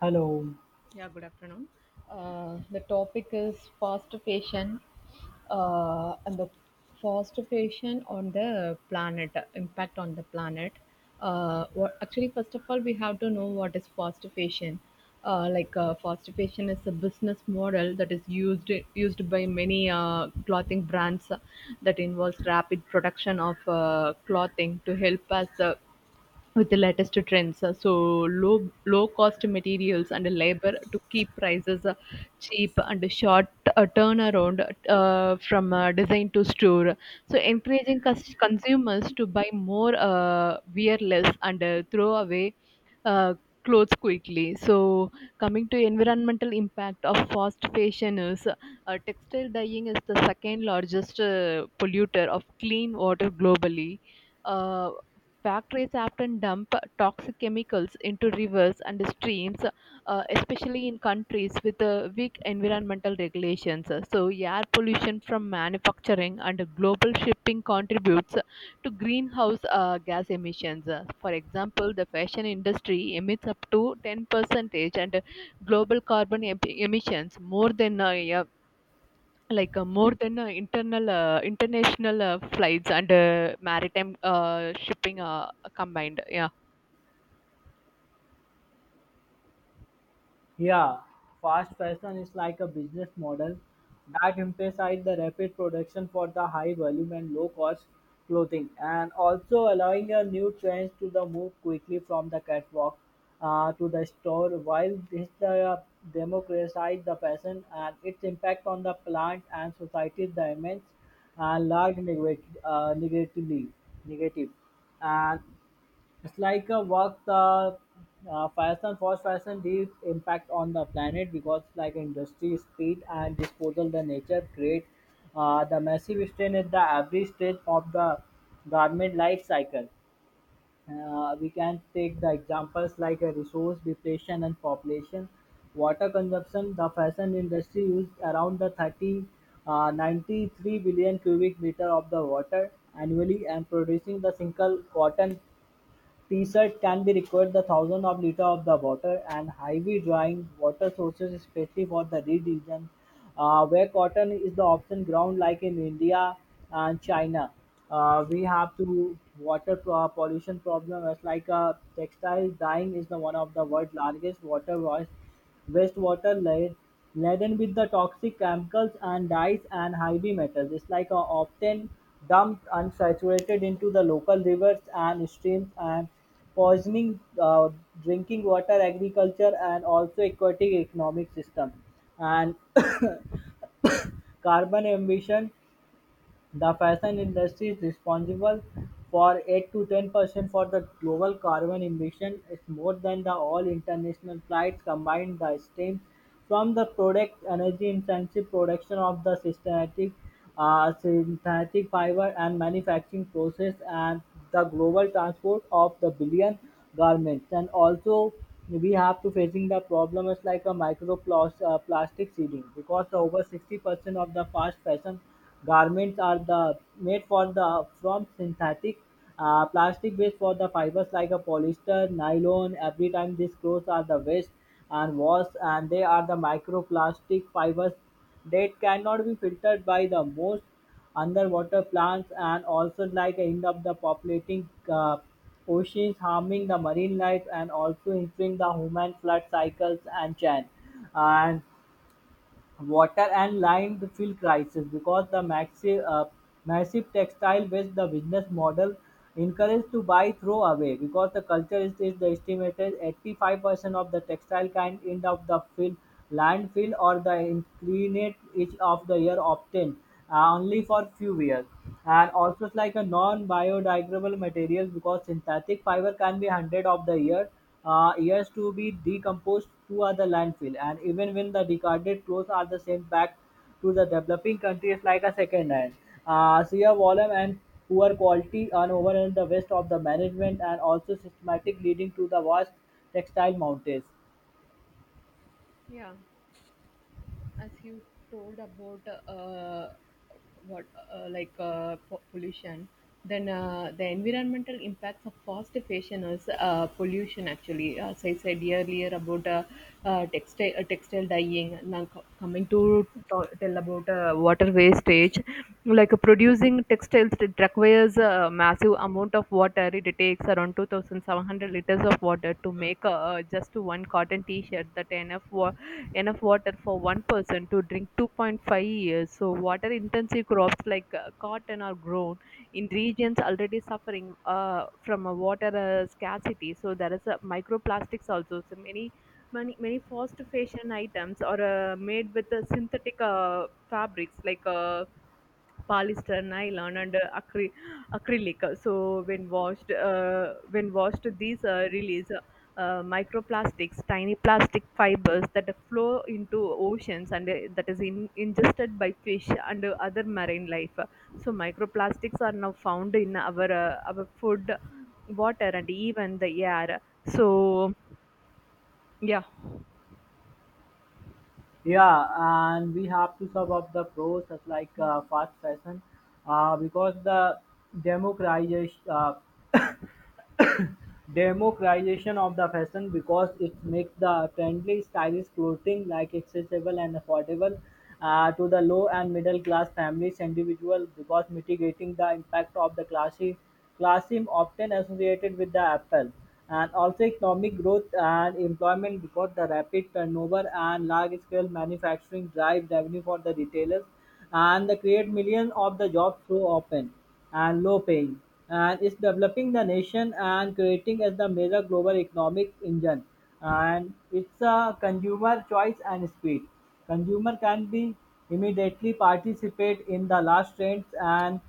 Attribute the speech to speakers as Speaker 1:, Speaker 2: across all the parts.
Speaker 1: Hello.
Speaker 2: Yeah, good afternoon. The topic is fast fashion, and the fast fashion on the planet, impact on the planet. What actually first of all we have to know what is fast fashion. Fast fashion is a business model that is used by many clothing brands, that involves rapid production of clothing to help us with the latest trends. So low cost materials and labor to keep prices cheap, and a short turnaround from design to store. So encouraging consumers to buy more, wear less, and throw away Uh, clothes quickly. So coming to environmental impact of fast fashion is textile dyeing is the second largest polluter of clean water globally uh. Factories often dump toxic chemicals into rivers and streams, especially in countries with weak environmental regulations. So air pollution from manufacturing and global shipping contributes to greenhouse gas emissions. For example, the fashion industry emits up to 10% and global carbon emissions, more than more than internal international flights and maritime shipping combined. Yeah.
Speaker 1: Yeah, fast fashion is like a business model that emphasizes the rapid production for the high volume and low cost clothing and also allowing a new trends to the move quickly from the catwalk to the store while this the democratize the fashion and its impact on the plant and society is the immense and large negative negatively negative and it's like a work the fashion fast fashion deep impact on the planet because like industry speed and disposal the nature create the massive strain at the every stage of the garment life cycle. We can take the examples like a resource depletion and population, water consumption. The fashion industry used around the 30, 93 billion cubic meter of the water annually and producing the single cotton research can be required the thousands of liter of the water and heavy drying water sources, especially for the red region where cotton is the option ground like in India and China. We have to water pollution problem as like textile dyeing is the one of the world largest water waste. Wastewater layer laden with the toxic chemicals and dyes and heavy metals is often dumped unsaturated into the local rivers and streams and poisoning drinking water, agriculture, and also aquatic economic system and carbon emission. The fashion industry is responsible for 8 to 10% for the global carbon emission. It's more than the all international flights combined. The stream from the product energy intensive production of the synthetic, synthetic fiber and manufacturing process and the global transport of the billion garments. And also we have to facing the problem is like a microplastic plastic seeding because the over 60% of the fast fashion garments are the made for the from synthetic plastic based for the fibers like a polyester, nylon. Every time these clothes are the waste and wash and they are the microplastic fibers that cannot be filtered by the most underwater plants and also like end up the populating oceans harming the marine life and also improving the human flood cycles and chain and water and lined fill crisis because the massive textile waste the business model encouraged to buy throw away because the culture is the estimated 85% of the textile kind end up the fill landfill or the inclinate each of the year obtained only for few years. And also it's like a non-biodegradable material because synthetic fiber can be hundred of the year, years to be decomposed to other landfill. And even when the discarded clothes are the sent back to the developing countries like a second hand. Sheer volume and poor quality and overall the waste of the management and also systematic leading to the vast textile mountains.
Speaker 2: Yeah. As you told about, uh, what pollution, then the environmental impacts of fast fashion is pollution. Actually, as I said earlier about textile dyeing, now coming to tell about water wastage. Producing textiles, it requires a massive amount of water. It takes around 2,700 liters of water to make just one cotton t-shirt. That enough water for one person to drink 2.5 years. So water intensive crops like cotton are grown in regions already suffering from a water scarcity. So there is a microplastics also. So many fast fashion items are made with synthetic fabrics like polyester, nylon, and acrylic. So when washed, these release microplastics, tiny plastic fibers that flow into oceans and that is ingested by fish and other marine life. So microplastics are now found in our food, water, and even the air, so yeah.
Speaker 1: Yeah, and we have to sum up the pros as like fast fashion because the democratization uh, democratization of the fashion because it makes the trendy stylish clothing like accessible and affordable to the low and middle class families individual because mitigating the impact of the classy classism often associated with the apple and also economic growth and employment because the rapid turnover and large scale manufacturing drive revenue for the retailers and they create millions of the jobs through open and low paying and it's developing the nation and creating as the major global economic engine, and it's a consumer choice and speed. Consumer can be immediately participate in the last trends and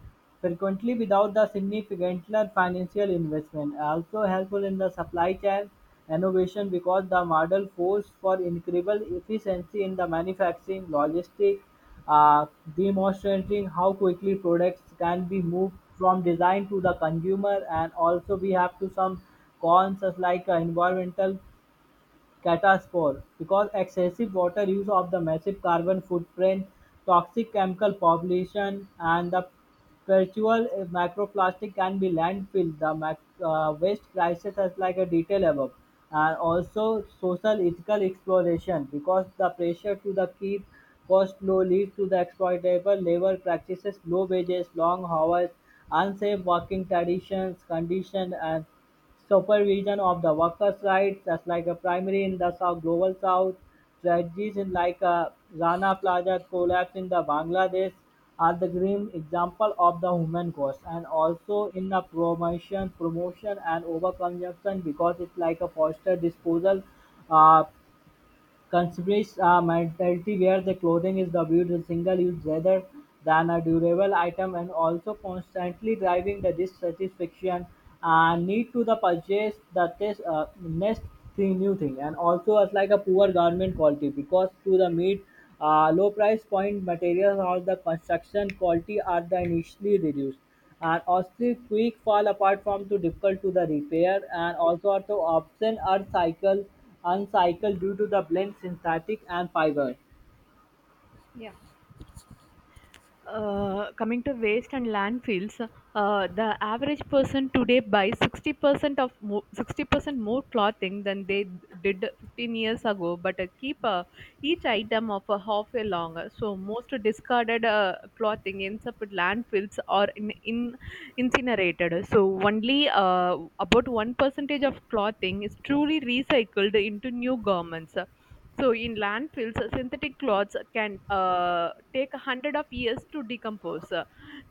Speaker 1: frequently without the significant financial investment, also helpful in the supply chain innovation because the model forced for incredible efficiency in the manufacturing logistics, uh, demonstrating how quickly products can be moved from design to the consumer. And also we have to some cons as like environmental cataspore, because excessive water use of the massive carbon footprint, toxic chemical pollution, and the perpetual microplastic can be landfill. The waste crisis has like a detail above. And also social ethical exploration because the pressure to the keep cost low leads to the exploitable labor practices, low wages, long hours, unsafe working traditions, condition and supervision of the workers' rights, just like a primary in the South, global South, tragedies in like a Rana Plaza collapse in the Bangladesh are the grim example of the human cost. And also in the promotion and overconsumption because it's like a foster disposal uh, considers a mentality where the clothing is viewed as single-use rather than a durable item and also constantly driving the dissatisfaction and need to the purchase the next thing new thing. And also it's like a poor garment quality because to the meet low price point materials or the construction quality are the initially reduced and also, quick fall apart from too difficult to the repair and also are too often are cycle uncycled due to the blend synthetic and fiber.
Speaker 2: Yeah. Coming to waste and landfills, the average person today buys 60% 60% more clothing than they did 15 years ago, but keep each item of a half a longer. So most discarded clothing ends up at landfills or in incinerated. So only about one percentage of clothing is truly recycled into new garments. So in landfills, synthetic cloths can take 100 of years to decompose.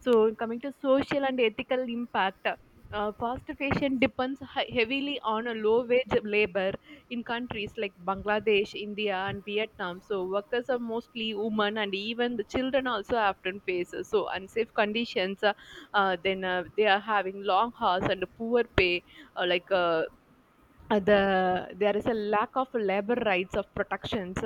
Speaker 2: So coming to social and ethical impact, fast fashion depends heavily on a low wage labor in countries like Bangladesh, India, and Vietnam. So workers are mostly women, and even the children also often face so unsafe conditions. Then they are having long hours and poor pay, uh, like. Uh, the there is a lack of labor rights of protections.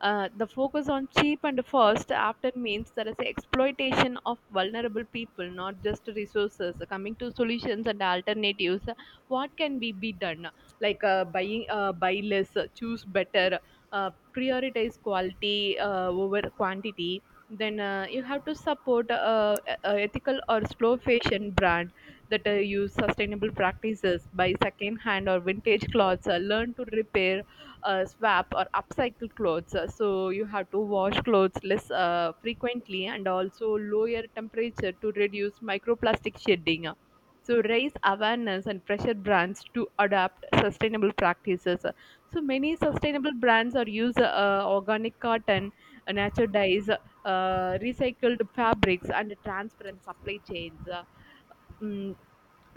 Speaker 2: The focus on cheap and first often means there is exploitation of vulnerable people, not just resources. Coming to solutions and alternatives, what can be done? Buy less, choose better, uh, prioritize quality over quantity. Then you have to support ethical or slow fashion brands that use sustainable practices, buy second-hand or vintage clothes, learn to repair, swap or upcycle clothes. So you have to wash clothes less frequently and also lower temperature to reduce microplastic shedding. So raise awareness and pressure brands to adopt sustainable practices. So many sustainable brands are use organic cotton, natural dyes, recycled fabrics, and transparent supply chains. Mm,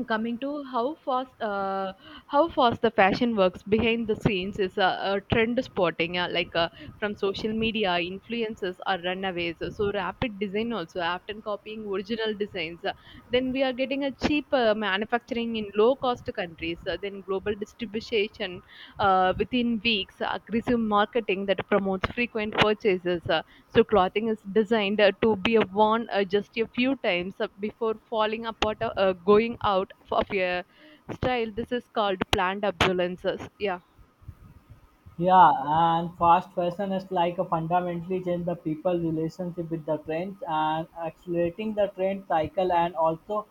Speaker 2: coming to how fast the fashion works behind the scenes is a trend spotting, from social media influences or runaways, so rapid design, also often copying original designs. Then we are getting a cheap manufacturing in low cost countries. Then global distribution within weeks, aggressive marketing that promotes frequent purchases. So clothing is designed to be worn just a few times before falling apart or going out of your style. This is called planned obsolescence. Yeah.
Speaker 1: Yeah, and fast fashion is like a fundamentally change the people relationship with the trends and accelerating the trend cycle and also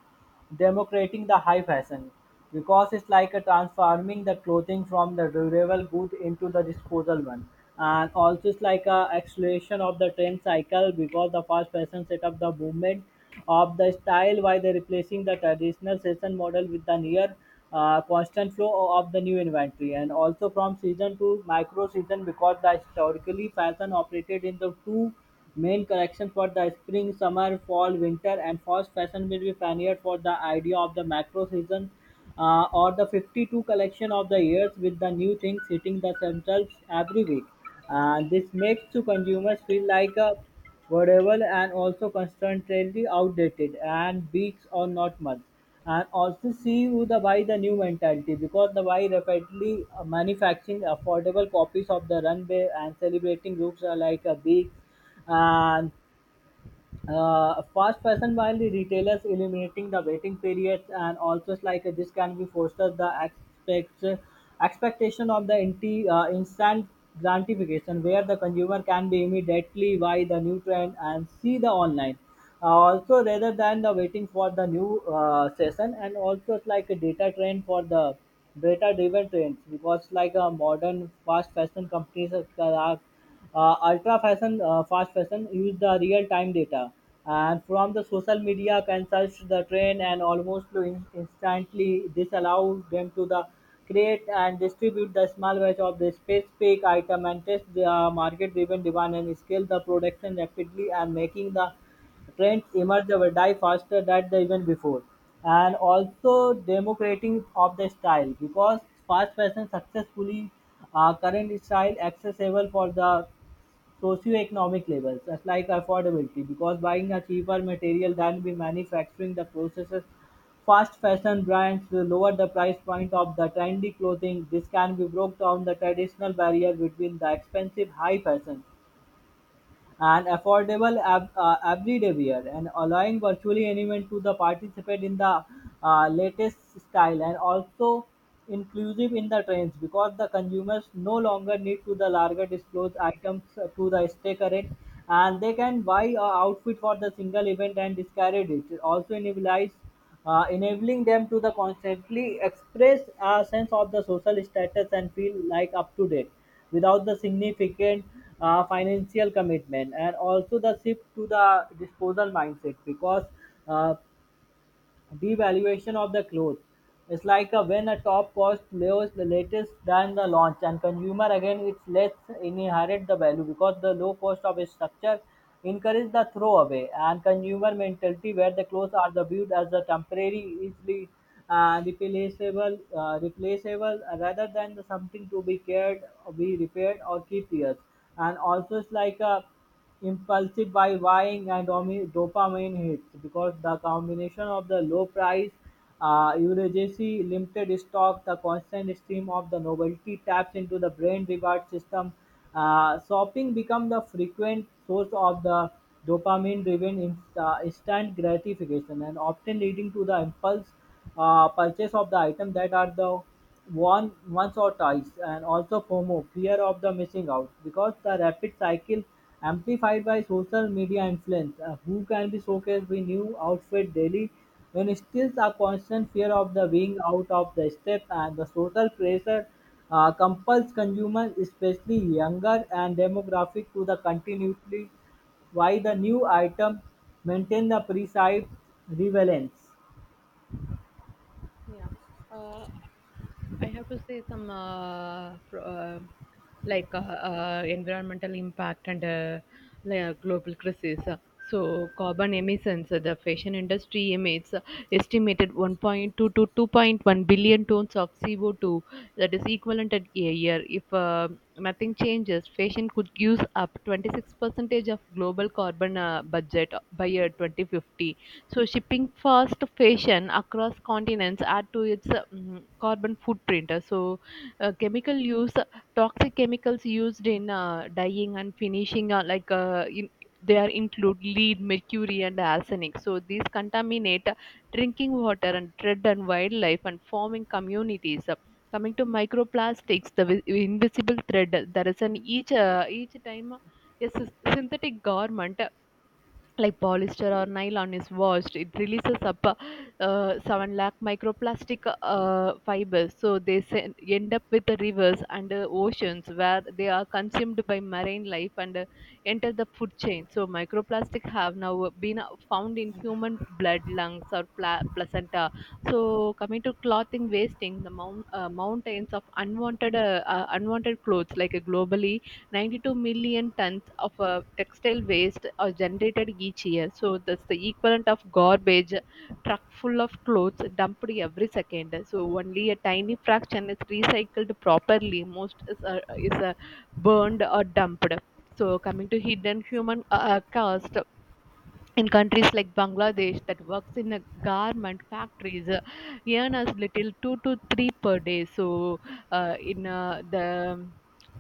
Speaker 1: democrating the high fashion because it's like a transforming the clothing from the durable good into the disposal one. And also it's like a acceleration of the trend cycle because the fast fashion set up the movement of the style while they replacing the traditional fashion model with the near constant flow of the new inventory and also from season to micro season because the historically fashion operated in the two main collections for the spring summer fall winter and fast fashion will be pioneered for the idea of the macro season or the 52 collection of the years with the new things hitting the themselves every week. This makes to consumers feel like a variable and also constantly outdated and weeks or not months. And also see who the buy the new mentality because the buy rapidly manufacturing affordable copies of the runway and celebrating groups are like a big and fast fashion while the retailers eliminating the waiting periods. And also it's like this can be foster the expect, expectation of the instant gratification where the consumer can be immediately buy the new trend and see the online also rather than the waiting for the new session. And also it's like a data trend for the data driven trends because like a modern fast fashion companies are fast fashion use the real time data and from the social media can search the trend and almost to instantly. This allow them to the create and distribute the small batch of the specific item and test the market driven demand and scale the production rapidly and making the trends emerge or die faster than the even before. And also democrating of the style because fast fashion successfully current style accessible for the socioeconomic labels as like affordability because buying a cheaper material than we manufacturing the processes. Fast fashion brands will lower the price point of the trendy clothing. This can be broke down the traditional barrier between the expensive high fashion and affordable everyday wear and allowing virtually anyone to the participate in the latest style. And also inclusive in the trends because the consumers no longer need to the larger disclose items to the stay current and they can buy a outfit for the single event and discard it. It also enables enabling them to the constantly express a sense of the social status and feel like up to date without the significant financial commitment. And also the shift to the disposal mindset because uh, devaluation of the cloth is like a when a top cost lowers latest than the launch and consumer again it's less inherit the value because the low cost of a structure encourage the throwaway and consumer mentality where the clothes are the viewed as the temporary easily replaceable rather than the something to be cared be repaired or keep years. And also it's like a impulsive by buying and dopamine hits because the combination of the low price, urgency, limited stock, the constant stream of the novelty taps into the brain reward system. Shopping becomes the frequent source of the dopamine-driven instant gratification and often leading to the impulse purchase of the item that are the worn once or twice. And also FOMO (fear of the missing out) because the rapid cycle amplified by social media influence, who can be showcased with new outfit daily, when still a constant fear of the being out of the step and the social pressure compels consumers, especially younger and demographic, to the continuity why the new item maintain the precise relevance.
Speaker 2: Yeah. Uh, I have to say some pro, like environmental impact and global crisis. So carbon emissions, the fashion industry emits estimated 1.2 to 2.1 billion tons of CO2. That is equivalent at a year. If nothing changes, fashion could use up 26 percentage of global carbon budget by year 2050. So shipping fast fashion across continents add to its carbon footprint. So chemical use, toxic chemicals used in dyeing and finishing are like there include lead, mercury, and arsenic. So these contaminate drinking water and threat and wildlife and farming communities. Coming to microplastics, the invisible thread. There is an each time a synthetic garment like polyester or nylon is washed. It releases up 7 lakh microplastic fibers, so they end up with the rivers and oceans where they are consumed by marine life and enter the food chain. So microplastic have now been found in human blood, lungs, or placenta. So coming to clothing wasting, the mountains of unwanted clothes, like globally 92 million tons of textile waste are generated each year. So that's the equivalent of garbage truck full of clothes dumped every second. So only a tiny fraction is recycled properly. Most is burned or dumped. So coming to hidden human cost, in countries like Bangladesh, that works in a garment factories earn as little two to three per day. So in the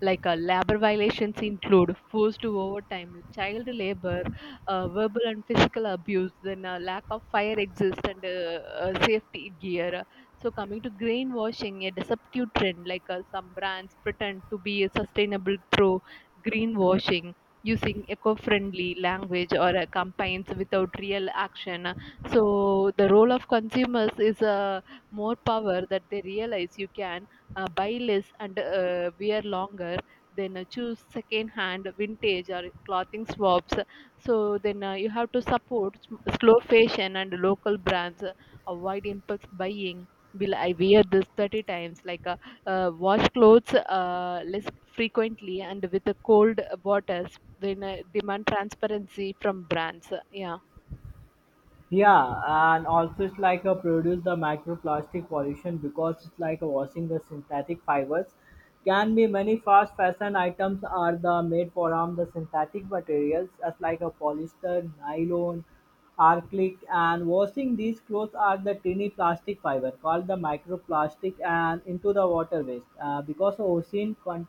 Speaker 2: like labor violations include forced overtime, child labor, verbal and physical abuse, then lack of fire exist, and safety gear. So coming to greenwashing, a deceptive trend. Some brands pretend to be sustainable through greenwashing, using eco-friendly language or campaigns without real action. So the role of consumers is more power that they realize. You can buy less and wear longer. Then choose second-hand, vintage, or clothing swaps. So then you have to support slow fashion and local brands. Avoid impulse buying. Will I wear this 30 times? Wash clothes less frequently and with the cold waters. Then demand transparency from brands. Yeah.
Speaker 1: Yeah, and also it's like a produce the microplastic pollution because it's like a washing the synthetic fibers. Can be many fast fashion items are the made from the synthetic materials as like a polyester, nylon, acrylic, and washing these clothes are the tiny plastic fiber called the microplastic and into the water waste because the ocean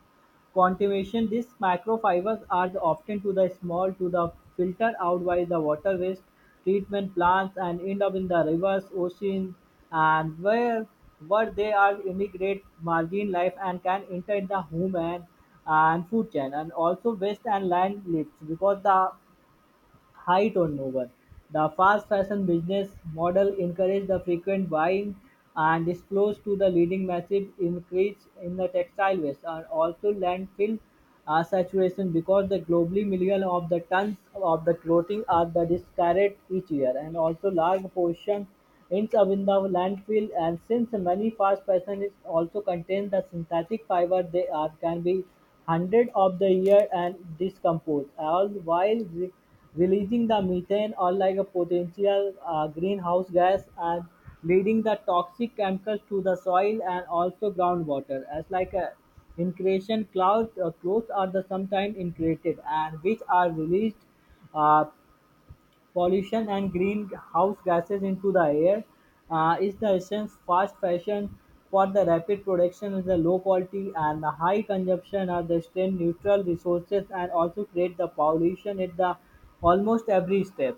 Speaker 1: continuation: these microfibers are often too the small to the filter out by the water waste treatment plants and end up in the rivers, oceans, and where they are immigrate marine life and can enter in the human and food chain. And also waste and land lives because the Height high turnover. The fast fashion business model encouraged the frequent buying and this flows to the leading massive increase in the textile waste. And also landfill saturation because the globally million of the tons of the clothing are the discarded each year and also large portion ends up in the landfill and since many fast fashion is also contain the synthetic fiber they are can be hundred of the year and discompose all while releasing the methane or like a potential greenhouse gas and leading the toxic chemicals to the soil and also groundwater as like a increation clouds are the sometimes increated and which are released uh, pollution and greenhouse gases into the air is the essence fast fashion for the rapid production is the low quality and the high consumption of the strain neutral resources and also create the pollution at the almost every step.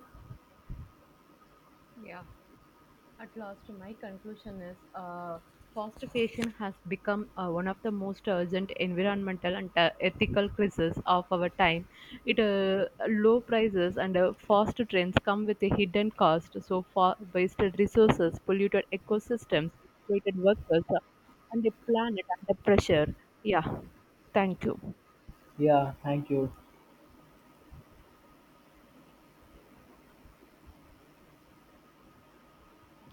Speaker 2: Yeah. At last, my conclusion is fostification has become one of the most urgent environmental and ethical crises of our time. It low prices and fast trends come with a hidden cost. So, for wasted resources, polluted ecosystems, exploited workers, and a planet under pressure. Yeah, thank you.
Speaker 1: Yeah, thank you.